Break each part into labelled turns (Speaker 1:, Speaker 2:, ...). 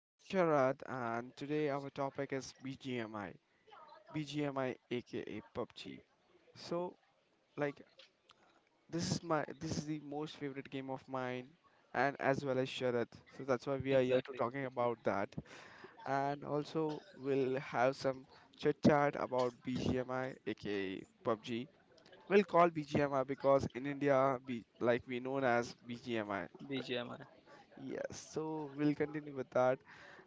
Speaker 1: with Sharad, and today our topic is BGMI. BGMI, aka PUBG. So, like, this is the most favorite game of mine, and as well as Sharad. So that's why we are here to
Speaker 2: Exactly.
Speaker 1: talking about that, and also we'll have some chit chat about BGMI, aka PUBG. We'll call BGMI because in India, like we known as BGMI.
Speaker 2: BGMI.
Speaker 1: Yes, so we'll continue with that.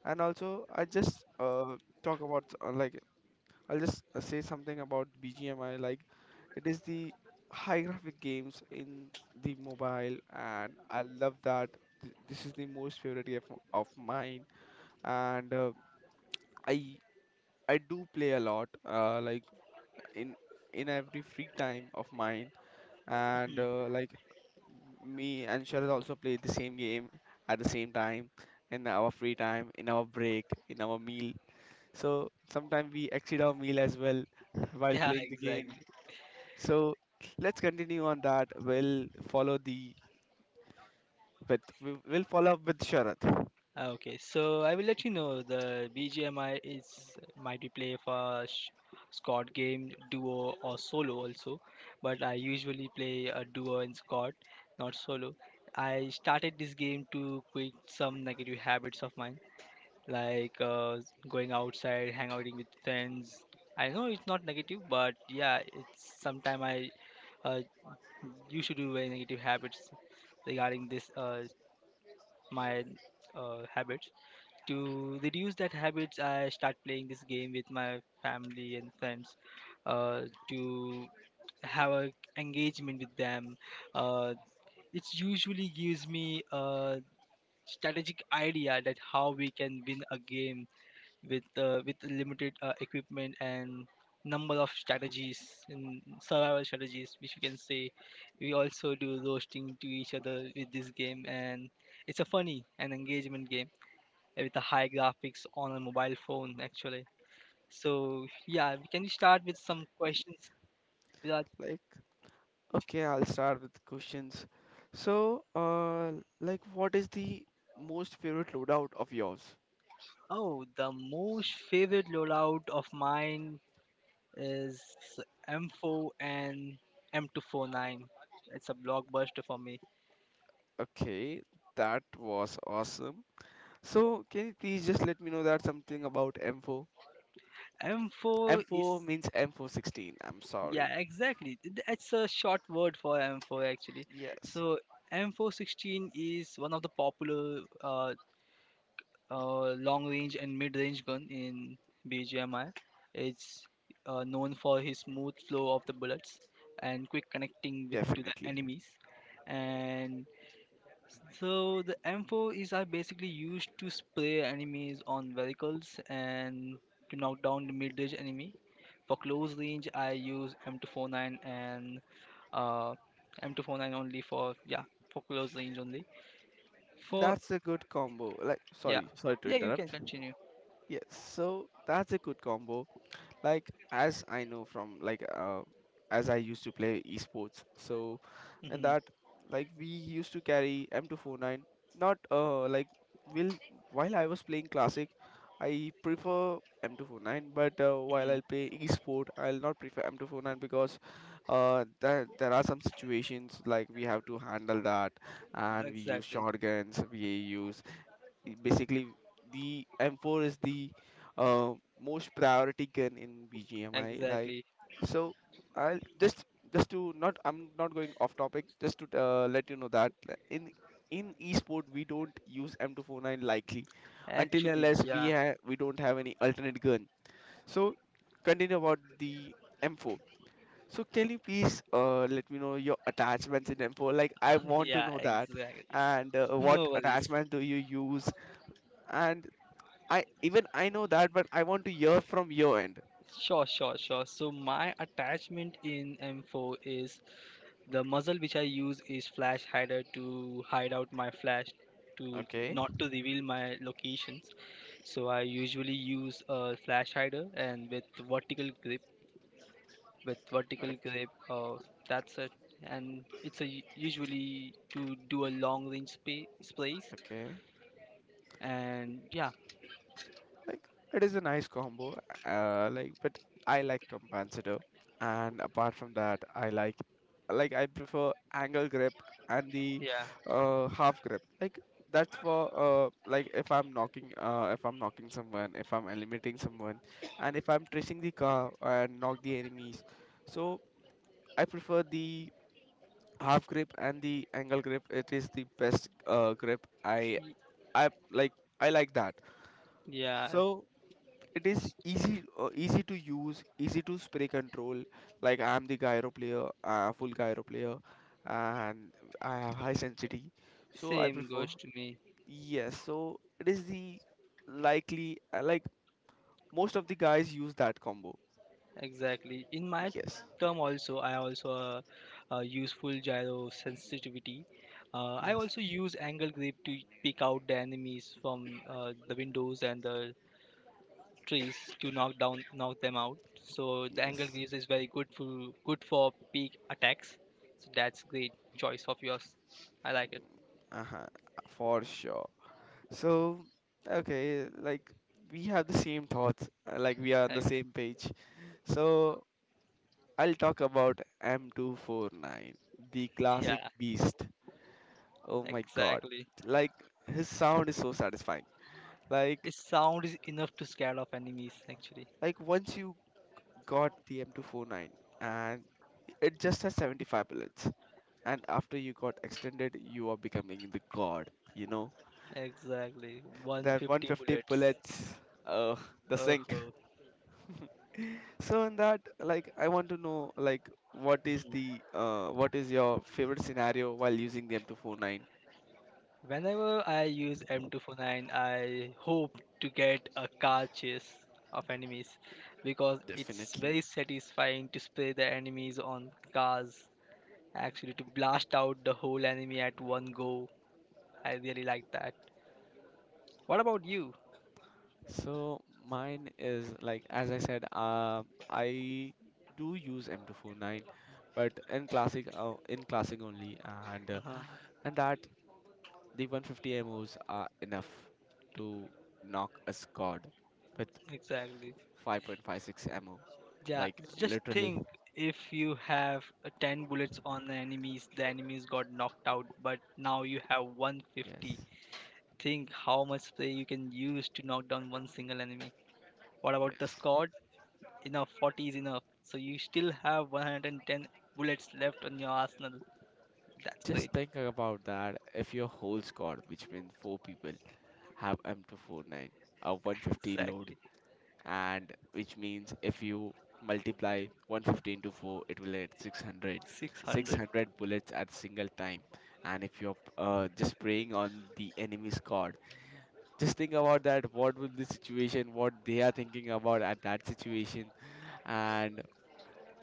Speaker 1: And also, I just talk about, like, I'll just say something about BGMI. Like it is the high graphic games in the mobile, and I love that. This is the most favorite game of mine, and I I do play a lot. Like in in every free time of mine, and
Speaker 2: Mhm.
Speaker 1: like me and Sharad also played the same game at the same time in our free time, in our break, in our meal. So sometimes we exceed our meal as well while
Speaker 2: Yeah,
Speaker 1: playing the
Speaker 2: exactly.
Speaker 1: game. So let's continue on that. We'll follow up with Sharad.
Speaker 2: Ah, okay, so I will let you know the BGMI is might be play for squad game, duo or solo also, but I usually play a duo and squad, not solo. I started this game to quit some negative habits of mine, like going outside, hang outing with friends. I know it's not negative, but yeah, it's sometime I, uh, you should do very negative habits regarding this, my habits. To reduce that habits, I start playing this game with my family and friends, uh, to have a engagement with them. uh, it usually gives me a strategic idea that how we can win a game with limited equipment and number of strategies and survival strategies, which you can say. We also do roasting to each other with this game, and it's a funny and engagement game with a high graphics on a mobile phone actually. So yeah, we can start with some questions, Viraj.
Speaker 1: Like, okay, I'll start with questions. So, like, what is the most favorite loadout of yours?
Speaker 2: Oh, the most favorite loadout of mine is M4 and M249. It's a blockbuster for me.
Speaker 1: Okay, that was awesome. So can you please just let me know that something about M4?
Speaker 2: M4
Speaker 1: M4
Speaker 2: is.
Speaker 1: means M416. I'm sorry.
Speaker 2: Yeah, exactly. That's a short word for M4 actually.
Speaker 1: Yes,
Speaker 2: So M416 is one of the popular, long-range and mid-range gun in BGMI. It's, known for his smooth flow of the bullets and quick connecting with to the
Speaker 1: definitely.
Speaker 2: enemies. And so the M4 is are basically used to spray enemies on vehicles and to knock down the mid-range enemy. For close range, I use M249 and uh M249, only for, yeah, for close range only, for—
Speaker 1: That's a good combo. Like,
Speaker 2: Yeah,
Speaker 1: sorry, sorry to
Speaker 2: yeah, you can
Speaker 1: interrupt.
Speaker 2: continue.
Speaker 1: Yes, so that's a good combo. Like, as I know from, like, as I used to play esports. So, and
Speaker 2: Hmm.
Speaker 1: that, like, we used to carry M249, not like, will while I was playing classic I prefer M249, but while
Speaker 2: Hmm.
Speaker 1: I play esport I'll not prefer M249 because there are some situations like we have to handle that, and we use
Speaker 2: Exactly.
Speaker 1: shotguns, we use, basically the M4 is the, uh, most priority gun in BGMI. Like,
Speaker 2: Exactly.
Speaker 1: so I'll just, to not I'm not going off topic. Just to let you know that in in esport we don't use M249 likely, until
Speaker 2: Actually,
Speaker 1: unless
Speaker 2: yeah.
Speaker 1: we don't have any alternate gun. So continue about the M4. So can you please, let me know your attachments in M4? Like, I want to
Speaker 2: Yeah,
Speaker 1: know that,
Speaker 2: exactly.
Speaker 1: and what
Speaker 2: No worries.
Speaker 1: attachment do you use? And I know that, but I want to hear from your end.
Speaker 2: Sure, sure, sure. So my attachment in M4 is the muzzle, which I use is flash hider to hide out my flash, to
Speaker 1: Okay.
Speaker 2: not to reveal my locations. So I usually use a flash hider, and with vertical grip with vertical
Speaker 1: Okay.
Speaker 2: grip. That's it, and it's usually to do a long range space.
Speaker 1: Okay.
Speaker 2: And yeah,
Speaker 1: Like, it is a nice combo. Like, but I like compensator, and apart from that, I like I prefer angle grip and the
Speaker 2: yeah,
Speaker 1: half grip. Like, that's for like if I'm knocking, if I'm knocking someone, if I'm eliminating someone, and if I'm tracing the car and knock the enemies. So I prefer the half grip and the angle grip, it is the best grip. i
Speaker 2: y-
Speaker 1: i like i like that.
Speaker 2: yeah.
Speaker 1: So it is easy, easy to use, easy to spray control. Like, I am the gyro player, full gyro player, and I have high sensitivity, so I
Speaker 2: Same
Speaker 1: prefer.
Speaker 2: goes to me.
Speaker 1: Yes, so it is the likely, like, most of the guys use that combo.
Speaker 2: Exactly. In my
Speaker 1: Yes,
Speaker 2: term also, I also use full gyro sensitivity. I
Speaker 1: yes,
Speaker 2: also use angle grip to pick out the enemies from, the windows and the trees, to knock down, knock them out. So the angle
Speaker 1: yes.
Speaker 2: greaves is very good for good for peak attacks. So that's great choice of yours. I like it.
Speaker 1: Uh-huh. For sure. So, okay, like, we have the same thoughts, like, we are on the same page. So, I'll talk about M249, the classic
Speaker 2: Yeah,
Speaker 1: beast. Oh my god.
Speaker 2: exactly.
Speaker 1: Like, his sound is so satisfying. Like
Speaker 2: Its sound is enough to scare off enemies actually.
Speaker 1: like once you got the M249, and it just has 75 bullets, and after you got extended you are becoming the god, you know?
Speaker 2: Exactly.
Speaker 1: That
Speaker 2: 150
Speaker 1: 150
Speaker 2: bullets.
Speaker 1: bullets, uh the
Speaker 2: Oh,
Speaker 1: so in that, like, I want to know, like, what is your favorite scenario while using the M249?
Speaker 2: whenever I use M249, I hope to get a car chase of enemies, because it's
Speaker 1: Definitely.
Speaker 2: very satisfying to spray the enemies on cars actually, to blast out the whole enemy at one go. I really like that. What about you?
Speaker 1: So mine is like, as I said, I do use M249, but in classic only, and uh,
Speaker 2: Uh-huh,
Speaker 1: and that the 150 MOs are enough to knock a squad with
Speaker 2: exactly.
Speaker 1: 5.56 MO,
Speaker 2: Yeah,
Speaker 1: like,
Speaker 2: just
Speaker 1: literally.
Speaker 2: think, if you have, 10 bullets on the enemies got knocked out, but now you have
Speaker 1: Yes.
Speaker 2: 150. Think how much spray you can use to knock down one single enemy. What about the
Speaker 1: Yes.
Speaker 2: squad? Enough, 40 is enough. So you still have 110 bullets left on your arsenal. That's great.
Speaker 1: Just think about that. If your whole squad, which means four people, have M249, a 150
Speaker 2: Exactly.
Speaker 1: load, and which means if you multiply 150 into 4, it will get 600.
Speaker 2: 600.
Speaker 1: 600 bullets at single time. And if you're just preying on the enemy squad, just think about that. What will the situation, what they are thinking about at that situation, and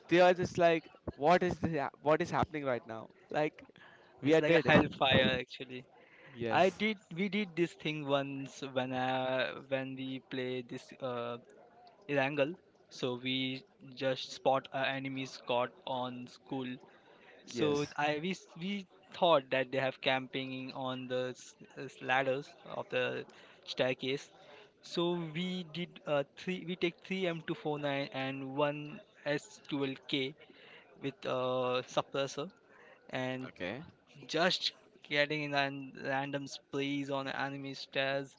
Speaker 1: they are just like, what is happening right now? Like, we
Speaker 2: It's
Speaker 1: are
Speaker 2: like a
Speaker 1: dead.
Speaker 2: hellfire actually. I
Speaker 1: Yes.
Speaker 2: did. We did this thing once when we play this, Irangle. So we just spot our enemies caught on school. So
Speaker 1: Yes.
Speaker 2: I we s- we thought that they have camping on the ladders of the staircase. So we did, three. We take three M249 and one S12K with, suppressor, and
Speaker 1: Okay.
Speaker 2: just getting in random sprees on enemy stairs,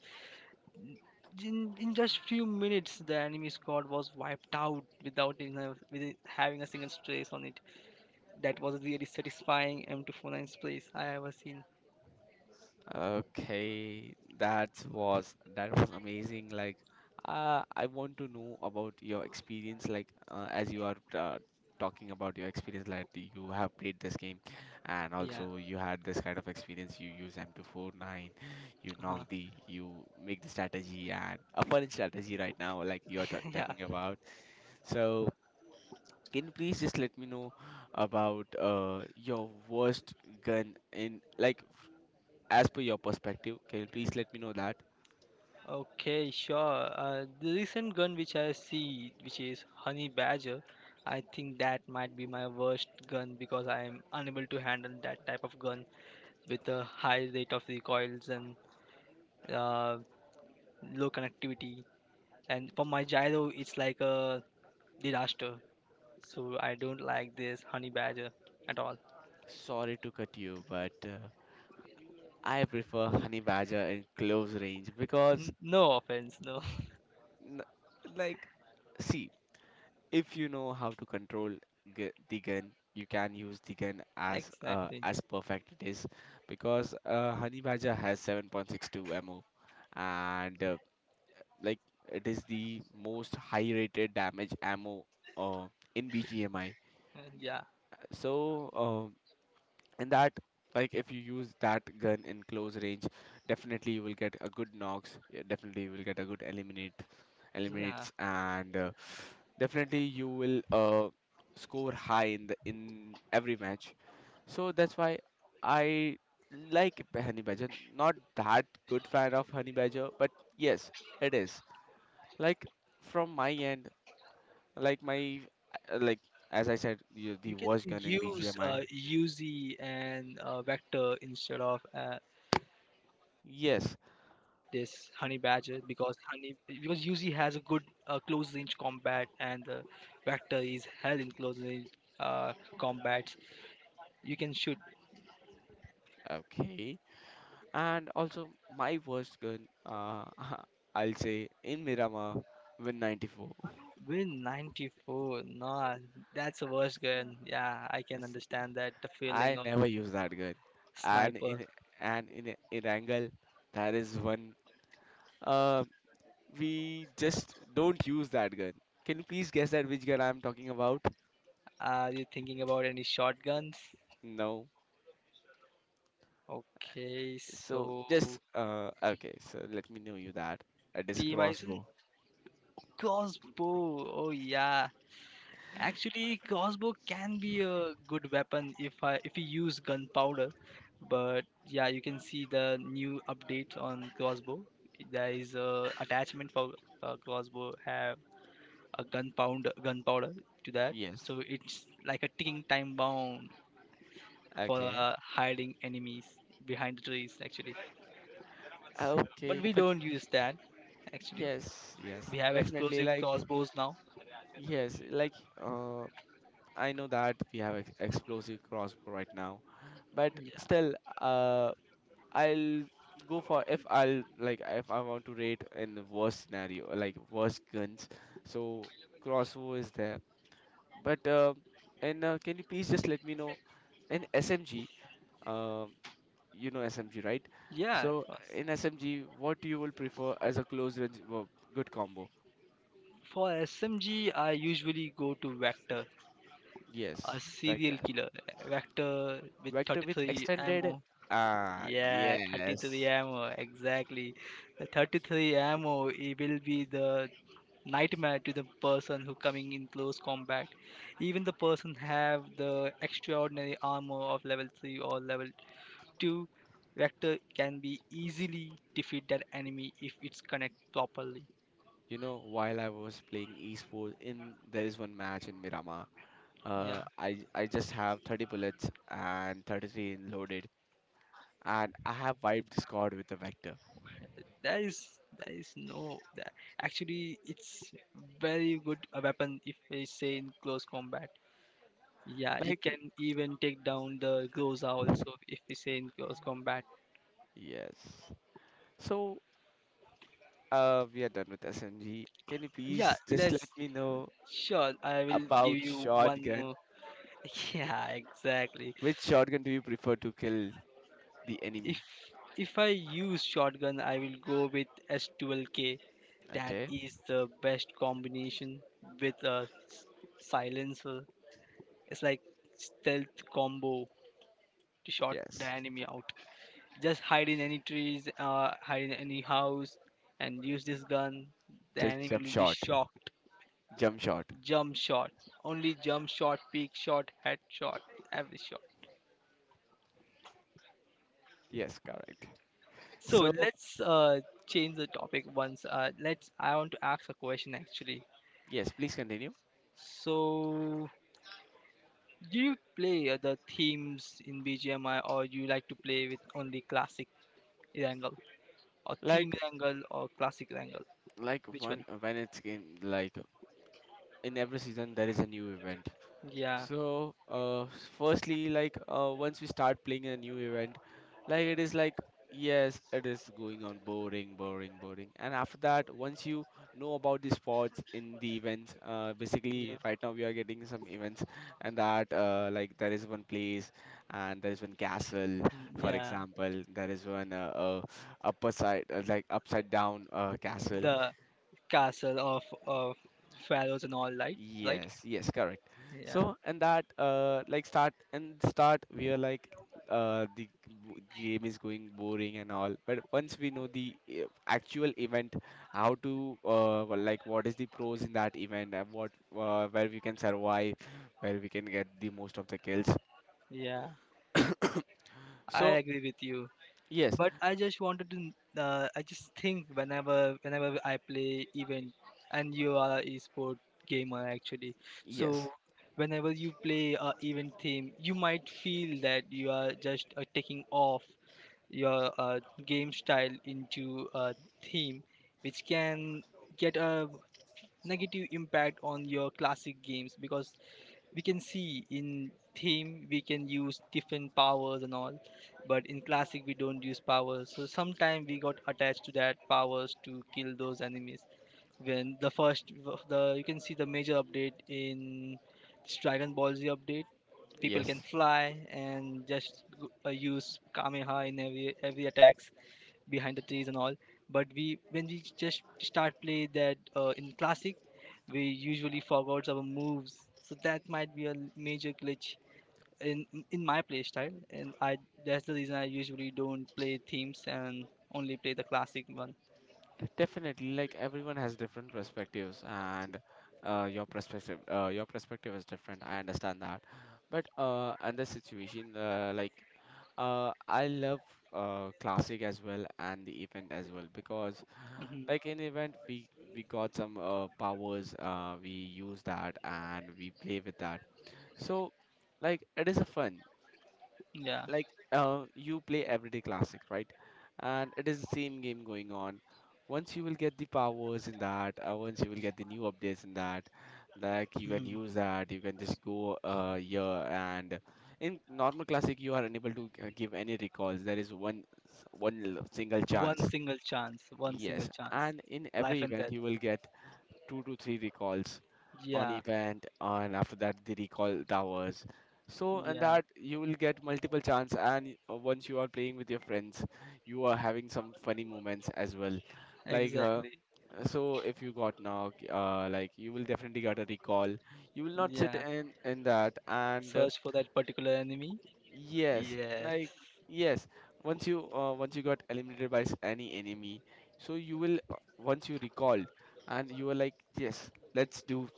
Speaker 2: in just few minutes. The enemy squad was wiped out without even with having a single trace on it. That was really satisfying m nine's place I ever seen.
Speaker 1: Okay. That was amazing. Like, I want to know about your experience. Like, as you are talking about your experience, like you have played this game, and
Speaker 2: Yeah,
Speaker 1: also you had this kind of experience. You use M249,
Speaker 2: uh-huh.
Speaker 1: you make the strategy, and a fun strategy right now, like you are ta
Speaker 2: yeah.
Speaker 1: talking about. So, can you please just let me know about your worst gun in, like, as per your perspective, can you please let me know that?
Speaker 2: Okay, sure. The recent gun which I see, which is Honey Badger, I think that might be my worst gun, because I am unable to handle that type of gun with a high rate of recoils and, uh, low connectivity. And for my gyro, it's like a disaster. So I don't like this honey badger at all.
Speaker 1: Sorry to cut you, but I prefer honey badger in close range because,
Speaker 2: No offense, no.
Speaker 1: n- like, see, if you know how to control the gun, you can use the gun
Speaker 2: Exactly.
Speaker 1: as perfect it is because, honey badger has 7.62 ammo, and like, it is the most high rated damage ammo, uh, in BGMI.
Speaker 2: Yeah,
Speaker 1: So, and that, like, if you use that gun in close range, definitely you will get a good knocks. Yeah, definitely you will get a good
Speaker 2: yeah.
Speaker 1: eliminates, and definitely you will score high in the in every match. So that's why I like honey badger, not that good fan of honey badger, but yes, it is, like, from my end, like my, like, as I said you the
Speaker 2: You can
Speaker 1: worst gun in
Speaker 2: use,
Speaker 1: BGMI.
Speaker 2: UZ and, vector instead of, this
Speaker 1: Yes.
Speaker 2: honey badger, because honey because UZ has a good, close range combat, and the vector is hell in close range, uh, combat. You can shoot.
Speaker 1: Okay. And also, my worst gun, uh, I'll say, in Miramar, Win 94.
Speaker 2: Win 94. No, that's a worse gun. Yeah, I can understand that the feeling
Speaker 1: I
Speaker 2: of
Speaker 1: never use that gun. And
Speaker 2: sniper.
Speaker 1: in and in angle, that is one. Uh, we just don't use that gun. Can you please guess that which gun I'm talking about?
Speaker 2: Are you thinking about any shotguns?
Speaker 1: No.
Speaker 2: Okay,
Speaker 1: So just
Speaker 2: so
Speaker 1: okay. So let me know you that it is
Speaker 2: P. Bison,
Speaker 1: crossbow.
Speaker 2: crossbow. Oh yeah, actually, crossbow can be a good weapon if you use gunpowder. But yeah, you can see the new update on crossbow. There is a attachment for, crossbow, have a gunpowder to that,
Speaker 1: Yes.
Speaker 2: so it's like a ticking time bomb for,
Speaker 1: Okay.
Speaker 2: hiding enemies behind the trees actually. But
Speaker 1: Okay.
Speaker 2: we
Speaker 1: But
Speaker 2: don't use that actually.
Speaker 1: yes, yes,
Speaker 2: We have
Speaker 1: definitely.
Speaker 2: explosive
Speaker 1: Like.
Speaker 2: crossbows now.
Speaker 1: Yes, like, uh, I know that we have explosive crossbow right now, but
Speaker 2: Yeah.
Speaker 1: still, uh, I'll go for, if I want to rate in the worst scenario, like worst guns. So crossbow is there, but and can you please just let me know in SMG? Um, you know SMG, right?
Speaker 2: Yeah, of
Speaker 1: So
Speaker 2: course.
Speaker 1: in SMG, what you will prefer as a close range, good combo?
Speaker 2: For SMG, I usually go to Vector, a
Speaker 1: Yes, fact.
Speaker 2: serial killer. Vector with
Speaker 1: Vector with
Speaker 2: 33 ammo.
Speaker 1: extended. Ah,
Speaker 2: Yeah, 33
Speaker 1: yes.
Speaker 2: ammo, exactly. The 33 ammo, it will be the nightmare to the person who coming in close combat. Even the person have the extraordinary armor of level 3 or level active, vector can be easily defeat that enemy if it's connect properly.
Speaker 1: You know, while I was playing esports in there is one match in Mirama.
Speaker 2: Yeah,
Speaker 1: I just have 30 bullets and 33 in loaded, and I have wiped the squad with the Vector.
Speaker 2: there is no that actually. It's very good a weapon if we say in close combat. Yeah, it
Speaker 1: Like,
Speaker 2: can even take down the Groza also if we say in close combat.
Speaker 1: yes. So, we are done with SMG. Can you
Speaker 2: Yeah,
Speaker 1: please just let
Speaker 2: let's
Speaker 1: me know
Speaker 2: sure, I will give
Speaker 1: about
Speaker 2: you one
Speaker 1: shotgun?
Speaker 2: more. Yeah, exactly.
Speaker 1: Which shotgun do you prefer to kill the
Speaker 2: If
Speaker 1: enemy?
Speaker 2: if I use shotgun, I will go with S12K. That
Speaker 1: Okay.
Speaker 2: is the best combination with a silencer. It's like stealth combo to shot the
Speaker 1: Yes.
Speaker 2: enemy out. Just hide in any trees, hide in any house, and use this gun. The
Speaker 1: Just
Speaker 2: enemy
Speaker 1: jump
Speaker 2: will be
Speaker 1: shot.
Speaker 2: shocked.
Speaker 1: Jump shot.
Speaker 2: Jump shot, only jump shot, peak shot, head shot, every shot.
Speaker 1: Yes, correct.
Speaker 2: So
Speaker 1: So,
Speaker 2: let's, change the topic once. Let's. I want to ask a question actually.
Speaker 1: yes, please continue.
Speaker 2: So, do you play other themes in BGMI, or you like to play with only classic Wrangle, or
Speaker 1: Like
Speaker 2: theme Wrangle, or classic Wrangle?
Speaker 1: like
Speaker 2: Which
Speaker 1: one
Speaker 2: one?
Speaker 1: when it's game, like, in every season there is a new event.
Speaker 2: Yeah,
Speaker 1: So, firstly, like, once we start playing a new event, like, it is like, yes, it is going on boring, boring, boring. And after that, once you know about the spots in the events,
Speaker 2: yeah,
Speaker 1: basically right now we are getting some events, and that, like, there is one place and there is one castle,
Speaker 2: mm,
Speaker 1: for
Speaker 2: yeah.
Speaker 1: example, there is one upper side, like upside down, castle.
Speaker 2: The castle of pharaohs and all, right? Right?
Speaker 1: Yes, yes, correct.
Speaker 2: Yeah,
Speaker 1: So, and that, like, start and start, we are like, the game is going boring and all. But once we know the actual event, how to, well, like, what is the pros in that event, and what, where we can survive, where we can get the most of the kills.
Speaker 2: yeah. I
Speaker 1: So,
Speaker 2: agree with you,
Speaker 1: yes,
Speaker 2: but I just wanted to I just think whenever I play event, and you are a esport gamer actually, so
Speaker 1: yes,
Speaker 2: whenever you play a event theme, you might feel that you are just, taking off your, game style into a theme, which can get a negative impact on your classic games, because we can see in theme we can use different powers and all, but in classic we don't use powers, so sometime we got attached to that powers to kill those enemies when the you can see the major update in this Dragon Ball Z update. People can
Speaker 1: yes.
Speaker 2: fly and just use kameha in every attacks behind the trees and all. But we when we just start play that, in classic, we usually forgot our moves. So that might be a major glitch in in my playstyle, and I that's the reason I usually don't play themes and only play the classic one.
Speaker 1: Definitely, like, everyone has different perspectives, and your perspective is different. I understand that, but, and the situation, like, I love classic as well and the event as well because, like,
Speaker 2: Hmm.
Speaker 1: in event we got some powers, we use that and we play with that. So, like, it is a fun
Speaker 2: Yeah.
Speaker 1: you play everyday classic, right? And it is the same game going on once you will get the powers in that. Once you will get the new updates in that, like, you can
Speaker 2: Hmm.
Speaker 1: use that. You can just go here. And in normal classic you are unable to give any recalls. There is one one single
Speaker 2: One
Speaker 1: chance.
Speaker 2: single chance. One single
Speaker 1: Yes,
Speaker 2: chance.
Speaker 1: and in every
Speaker 2: Life and
Speaker 1: event
Speaker 2: death.
Speaker 1: you will get 2 to 3 recalls on
Speaker 2: Yeah.
Speaker 1: event, and after that the recall towers. So, and
Speaker 2: Yeah.
Speaker 1: that, you will get multiple chance. And once you are playing with your friends, you are having some funny moments as well. like uh,
Speaker 2: Exactly.
Speaker 1: so if you got knocked, like, you will definitely get a recall. You will not sit
Speaker 2: Yeah.
Speaker 1: in that. And
Speaker 2: Search for that particular enemy.
Speaker 1: Yes.
Speaker 2: Yes.
Speaker 1: Like, yes, once you got eliminated by any enemy, so you will, once you recalled, and you were like, yes, let's do,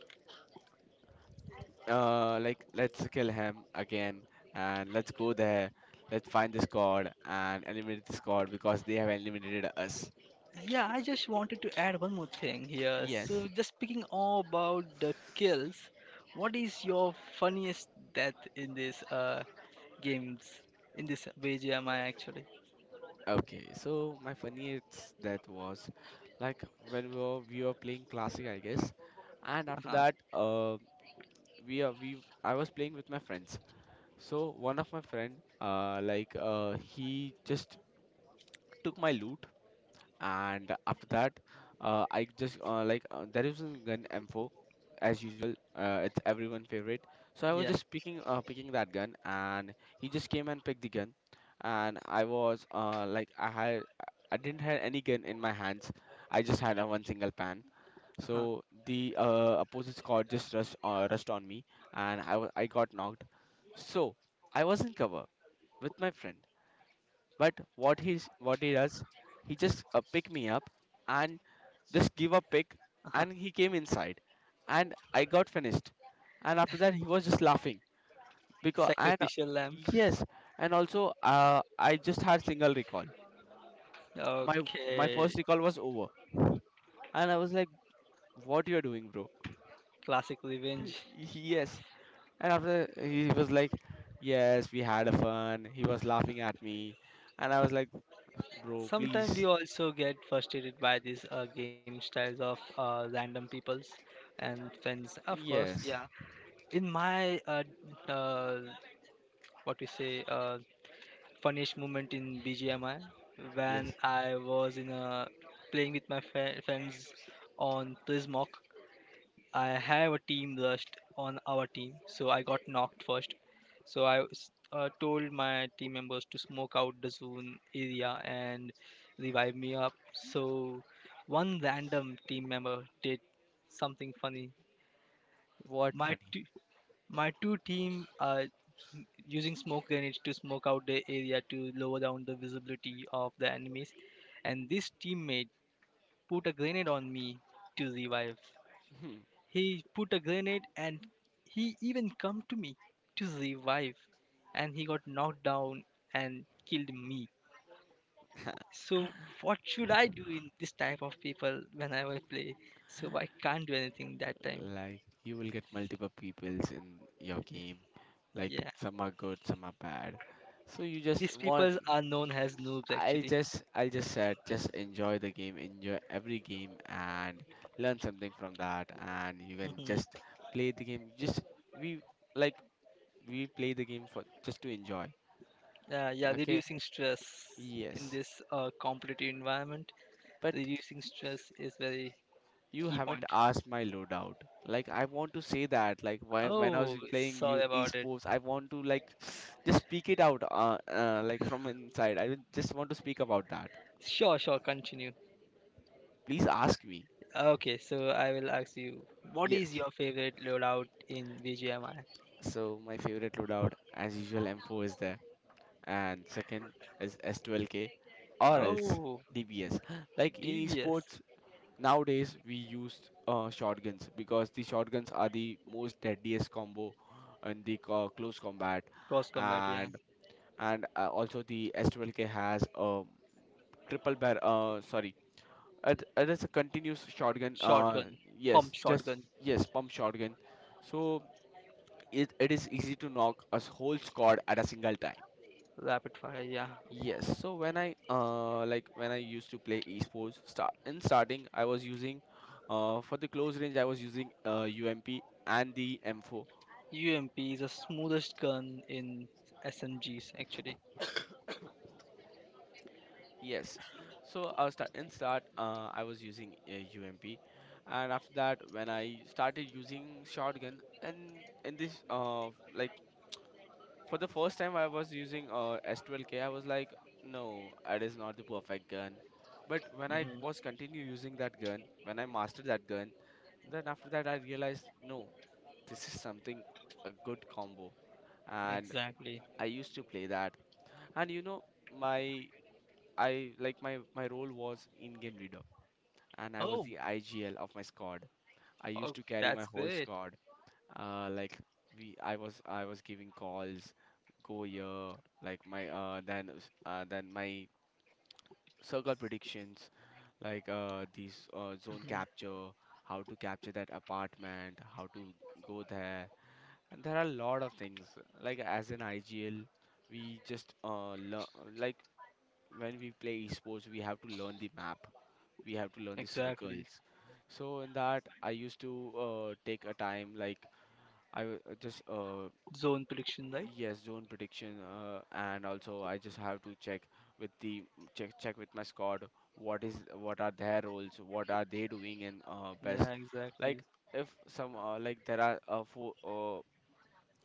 Speaker 1: like, let's kill him again, and let's go there. Let's find this god and eliminate this god because they have eliminated us.
Speaker 2: Yeah, I just wanted to add one more thing here. So,
Speaker 1: Yes.
Speaker 2: just speaking all about the kills, what is your funniest death in this games, in this BGMI actually?
Speaker 1: Okay, so my funniest, that was, like, when we were playing classic, I guess. and after
Speaker 2: Uh-huh.
Speaker 1: that uh we are we I was playing with my friends. So one of my friend he just took my loot. And after that, I just, like, there is a gun, M4, as usual. It's everyone favorite. So I was
Speaker 2: Yeah.
Speaker 1: just picking that gun, and he just came and picked the gun. And I was, like, I had, I didn't have any gun in my hands. I just had a one single pan.
Speaker 2: Uh-huh.
Speaker 1: So the, opposite squad just rushed on me, and I got knocked. So I was in cover with my friend. But what he does, he just, picked me up, and just give a pick.
Speaker 2: Uh-huh.
Speaker 1: And he came inside, and I got finished. And after that he was just laughing because. And
Speaker 2: Sacrificial lamp.
Speaker 1: yes. And also, I just had single recall. my my
Speaker 2: Okay.
Speaker 1: first recall was over, and I was like, what you are doing, bro?
Speaker 2: Classic revenge.
Speaker 1: Y- yes. And after that, he was like, yes, we had a fun. He was laughing at me, and I was like, bro,
Speaker 2: Sometimes we
Speaker 1: please.
Speaker 2: also get frustrated by these, game styles of, random peoples and friends. Of course, yeah.
Speaker 1: Yes.
Speaker 2: In my, uh, what we say, funniest moment in BGMI,
Speaker 1: Yes.
Speaker 2: when I was in a playing with my friends on Prismock. I have a team rust on our team, so I got knocked first. So I told my team members to smoke out the zone area and revive me up. So one random team member did something funny.
Speaker 1: What
Speaker 2: My
Speaker 1: funny?
Speaker 2: my two team are using smoke grenades to smoke out the area to lower down the visibility of the enemies. And this teammate put a grenade on me to revive. He put a grenade, and he even come to me to revive. And he got knocked down and killed me. So what should I do in this type of people when I will play? So I can't do anything that time.
Speaker 1: Like, you will get multiple peoples in your game. Like,
Speaker 2: Yeah.
Speaker 1: some are good, some are bad. So you just
Speaker 2: These
Speaker 1: want.
Speaker 2: people are known as noobs actually.
Speaker 1: I'll just said just enjoy the game, enjoy every game, and learn something from that, and you can just play the game. Just, we, like, we play the game for just to enjoy.
Speaker 2: Yeah,
Speaker 1: Okay?
Speaker 2: reducing stress in
Speaker 1: Yes.
Speaker 2: this, competitive environment,
Speaker 1: But
Speaker 2: reducing stress is very
Speaker 1: you
Speaker 2: key
Speaker 1: haven't
Speaker 2: point.
Speaker 1: asked my loadout. Like, I want to say that. Like, why, when I was
Speaker 2: Oh,
Speaker 1: playing you
Speaker 2: sorry about it.
Speaker 1: esports, I want to like just speak it out. Like from inside, I just want to speak about that.
Speaker 2: Sure, sure, continue.
Speaker 1: Please ask me.
Speaker 2: Okay, so I will ask you, what is
Speaker 1: Yes.
Speaker 2: your favorite loadout in BGMI?
Speaker 1: So my favorite loadout, as usual, M4 is there, and second is S12K, or else
Speaker 2: Oh,
Speaker 1: DBS. Like in
Speaker 2: DBS,
Speaker 1: esports nowadays, we use shotguns, because the shotguns are the most deadliest combo in the close combat.
Speaker 2: cross combat, yeah.
Speaker 1: And and uh, also the S12K has a triple barrel. Sorry, it is a continuous shotgun.
Speaker 2: Shotgun,
Speaker 1: Yes,
Speaker 2: pump
Speaker 1: just
Speaker 2: shotgun,
Speaker 1: yes, pump shotgun. So it is easy to knock a whole squad at a single time.
Speaker 2: rapid fire, yeah.
Speaker 1: Yes, so when I like when I used to play esports start in starting, I was using for the close range, I was using UMP and the M4.
Speaker 2: UMP is the smoothest gun in SMGs, actually.
Speaker 1: Yes. So start in start, I was using a UMP. And after that, when I started using shotgun, and in this like, for the first time I was using S12K, I was like, no, it is not the perfect gun. But when I was
Speaker 2: Hmm,
Speaker 1: continue using that gun, when I mastered that gun, then after that I realized, no, this is something a good combo, and
Speaker 2: exactly.
Speaker 1: I used to play that. And you know, my I like my role was in-game leader, and I was
Speaker 2: Oh,
Speaker 1: the IGL of my squad. I
Speaker 2: oh,
Speaker 1: used to carry my
Speaker 2: that's
Speaker 1: whole
Speaker 2: great.
Speaker 1: squad. Like, I was giving calls, go here, like, my then my circle predictions, like, these, zone
Speaker 2: Mhm.
Speaker 1: capture, how to capture that apartment, how to go there. And there are a lot of things. Like, as an IGL, we just learn, like, when we play esports, we have to learn the map, we have to learn the
Speaker 2: Exactly.
Speaker 1: circles. So in that I used to, take a time, like, I w- just
Speaker 2: Zone prediction, right?
Speaker 1: yes, zone prediction. And also I just have to check with the, check with my squad, what are their roles, what are they doing, and,
Speaker 2: Yeah,
Speaker 1: best,
Speaker 2: exactly.
Speaker 1: like, if some, like, there are, four,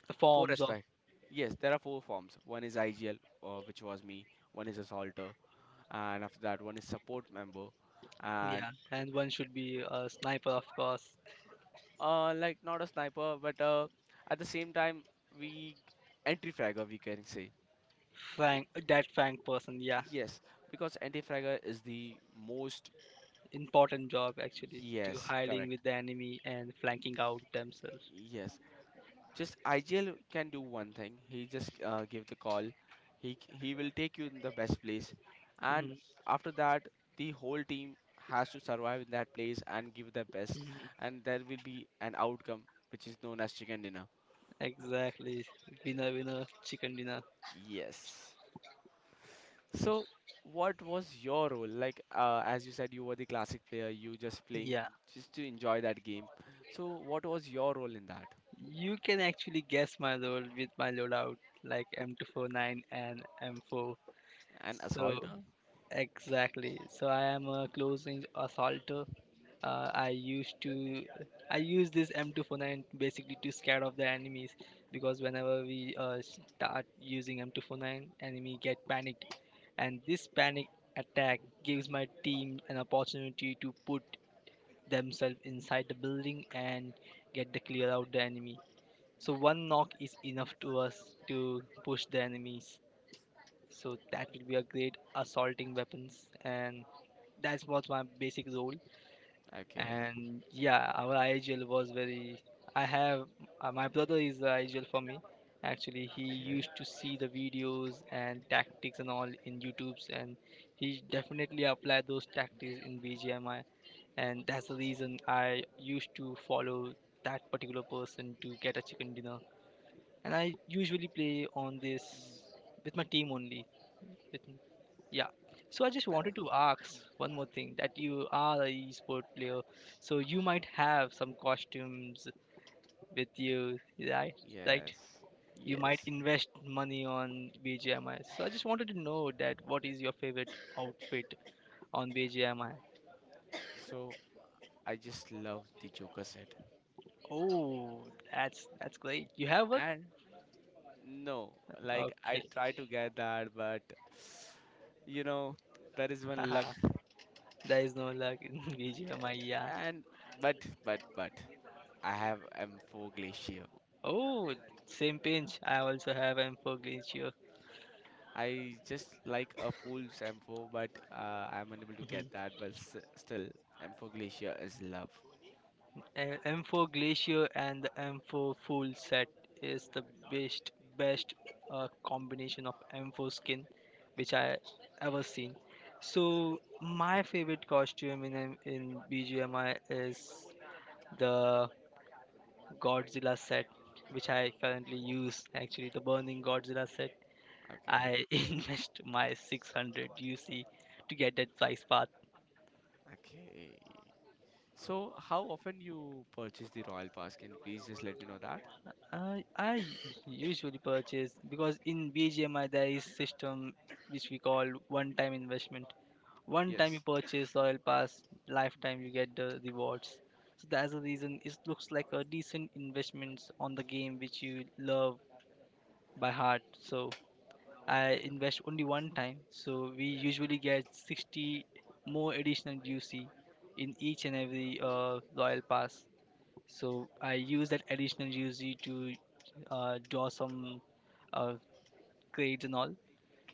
Speaker 2: The
Speaker 1: four
Speaker 2: forms of,
Speaker 1: aspects. Yes, there are four forms. One is IGL, which was me. One is assaulter. And after that, one is support member. And.
Speaker 2: yeah, and one should be a sniper, of course.
Speaker 1: Like, not a sniper, but, at the same time, we anti-fragger, we can say.
Speaker 2: Flank that flank person, yeah.
Speaker 1: Yes, because anti-fragger is the most.
Speaker 2: Important job actually to
Speaker 1: Yes,
Speaker 2: hiding
Speaker 1: correct.
Speaker 2: with the enemy and flanking out themselves.
Speaker 1: Yes, just IGL can do one thing. He just, give the call. He will take you in the best place,
Speaker 2: Hmm.
Speaker 1: and after that, the whole team has to survive in that place and give their best,
Speaker 2: Hmm.
Speaker 1: and there will be an outcome which is known as chicken dinner.
Speaker 2: Exactly. Winner, winner, chicken dinner.
Speaker 1: Yes. So, what was your role? Like, as you said, you were the classic player, you just playing
Speaker 2: Yeah,
Speaker 1: just to enjoy that game. So, what was your role in that?
Speaker 2: you can actually guess my load with my loadout like M249 and M4.
Speaker 1: An assaulter?
Speaker 2: So
Speaker 1: Mm.
Speaker 2: exactly. So I am a close range assaulter. I used to I use this M249 basically to scare off the enemies, because whenever we start using M249, enemy get panicked, and this panic attack gives my team an opportunity to put themselves inside the building and get the clear out the enemy. So one knock is enough to us to push the enemies, so that will be a great assaulting weapons, and that's what my basic role.
Speaker 1: Okay.
Speaker 2: And yeah, our IGL was very, I have, my brother is the IGL for me. Actually he
Speaker 1: Okay.
Speaker 2: used to see the videos and tactics and all in YouTubes, and he definitely applied those tactics in BGMI, and that's the reason I used to follow that particular person to get a chicken dinner. And I usually play on this with my team only. With, yeah. So I just
Speaker 1: Uh,
Speaker 2: wanted to ask one more thing, that you are a esport player, so you might have some costumes with you, right? Right?
Speaker 1: yes.
Speaker 2: You might
Speaker 1: Yes.
Speaker 2: invest money on BGMI. So I just wanted to know that what is your favorite outfit on BGMI?
Speaker 1: So, I just love the Joker set.
Speaker 2: Oh, that's great. You have one?
Speaker 1: And no, like,
Speaker 2: Okay.
Speaker 1: I try to get that, but you know, there is one luck.
Speaker 2: There is no luck in BGMI, yeah.
Speaker 1: Yeah. And, but, but, I have M4 Glacier.
Speaker 2: Oh, same pinch. I also have M4 Glacier.
Speaker 1: I just like a full Sampo, but I'm unable to get that. But s still, Sampo Glacier is love.
Speaker 2: M4 Glacier and the M4 full set is the best best combination of M4 skin which I ever seen. So my favorite costume in BGMI is the Godzilla set, which I currently use, actually the Burning Godzilla set.
Speaker 1: Okay,
Speaker 2: I invest my 600 UC to get that price path.
Speaker 1: okay. So, how often you purchase the Royal Pass? Can you please just let me know that?
Speaker 2: I usually purchase, because in BGMI there is system which we call one-time investment. One time you
Speaker 1: Yes.
Speaker 2: purchase Royal Pass, lifetime you get the rewards. So that's the reason it looks like a decent investments on the game which you love by heart. So I invest only one time. So we usually get 60 more additional UC in each and every Royal Pass. So I use that additional UG to draw some uh, grades and all,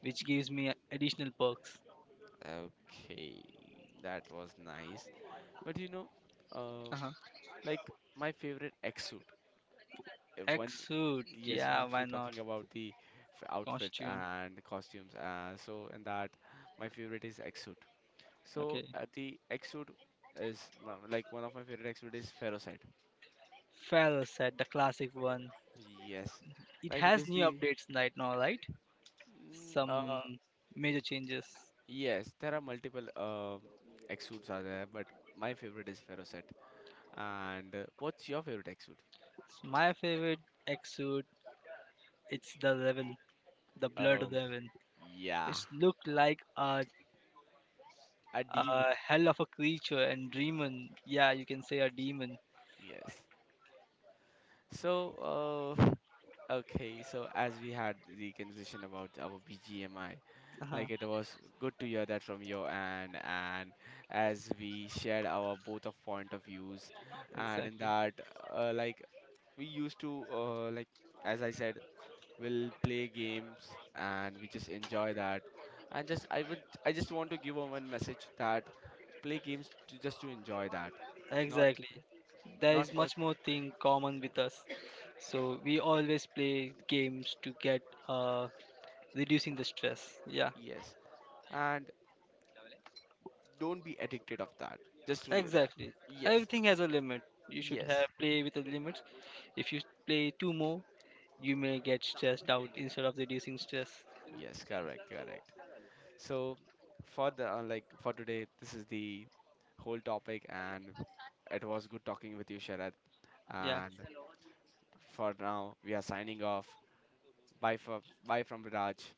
Speaker 2: which gives me additional perks.
Speaker 1: Okay, that was nice. But you know, uh,
Speaker 2: Uh-huh.
Speaker 1: like, my favorite X suit. Uh, one,
Speaker 2: X suit,
Speaker 1: yes,
Speaker 2: yeah,
Speaker 1: once
Speaker 2: why
Speaker 1: we're
Speaker 2: not?
Speaker 1: talking about the outfits
Speaker 2: Costume,
Speaker 1: and costumes, so in that, my favorite is X suit. So
Speaker 2: okay.
Speaker 1: the exude is my- like one of my favorite exude is ferrocite.
Speaker 2: Feral set, the classic one.
Speaker 1: Yes,
Speaker 2: It
Speaker 1: like it
Speaker 2: has
Speaker 1: is
Speaker 2: new
Speaker 1: the
Speaker 2: updates right now, right?
Speaker 1: mm,
Speaker 2: Some
Speaker 1: uh,
Speaker 2: major changes.
Speaker 1: yes, there are multiple exudes are there, but my favorite is ferrocite. And what's your favorite exude?
Speaker 2: So my favorite X suit, it's the Reven, the Blood
Speaker 1: Oh
Speaker 2: Reven.
Speaker 1: yeah,
Speaker 2: It's looked like
Speaker 1: a
Speaker 2: a
Speaker 1: demon.
Speaker 2: hell of a creature and demon. Yeah, you can say a demon.
Speaker 1: Yes. So Okay, so as we had the conversation about our BGMI,
Speaker 2: Uh-huh.
Speaker 1: like, it was good to hear that from your end, and as we shared our both of point of views, and in
Speaker 2: Exactly.
Speaker 1: that, like, we used to, like, as I said, we'll play games and we just enjoy that, and just I would, I just want to give a one message that play games to just to enjoy that, not,
Speaker 2: Exactly. There
Speaker 1: not
Speaker 2: is
Speaker 1: for,
Speaker 2: much more thing common with us. So we always play games to get uh reducing the stress. Yeah.
Speaker 1: yes, and don't be addicted of that, just to
Speaker 2: Exactly.
Speaker 1: yes.
Speaker 2: Everything has a limit. You should
Speaker 1: Yes,
Speaker 2: have play with a limit. If you play too more, you may get stressed out instead of reducing stress.
Speaker 1: yes, correct, correct. So, for the, like, for today, this is the whole topic, and it was good talking with you, Sharad. And for now, we are signing off. Bye for bye from Raj.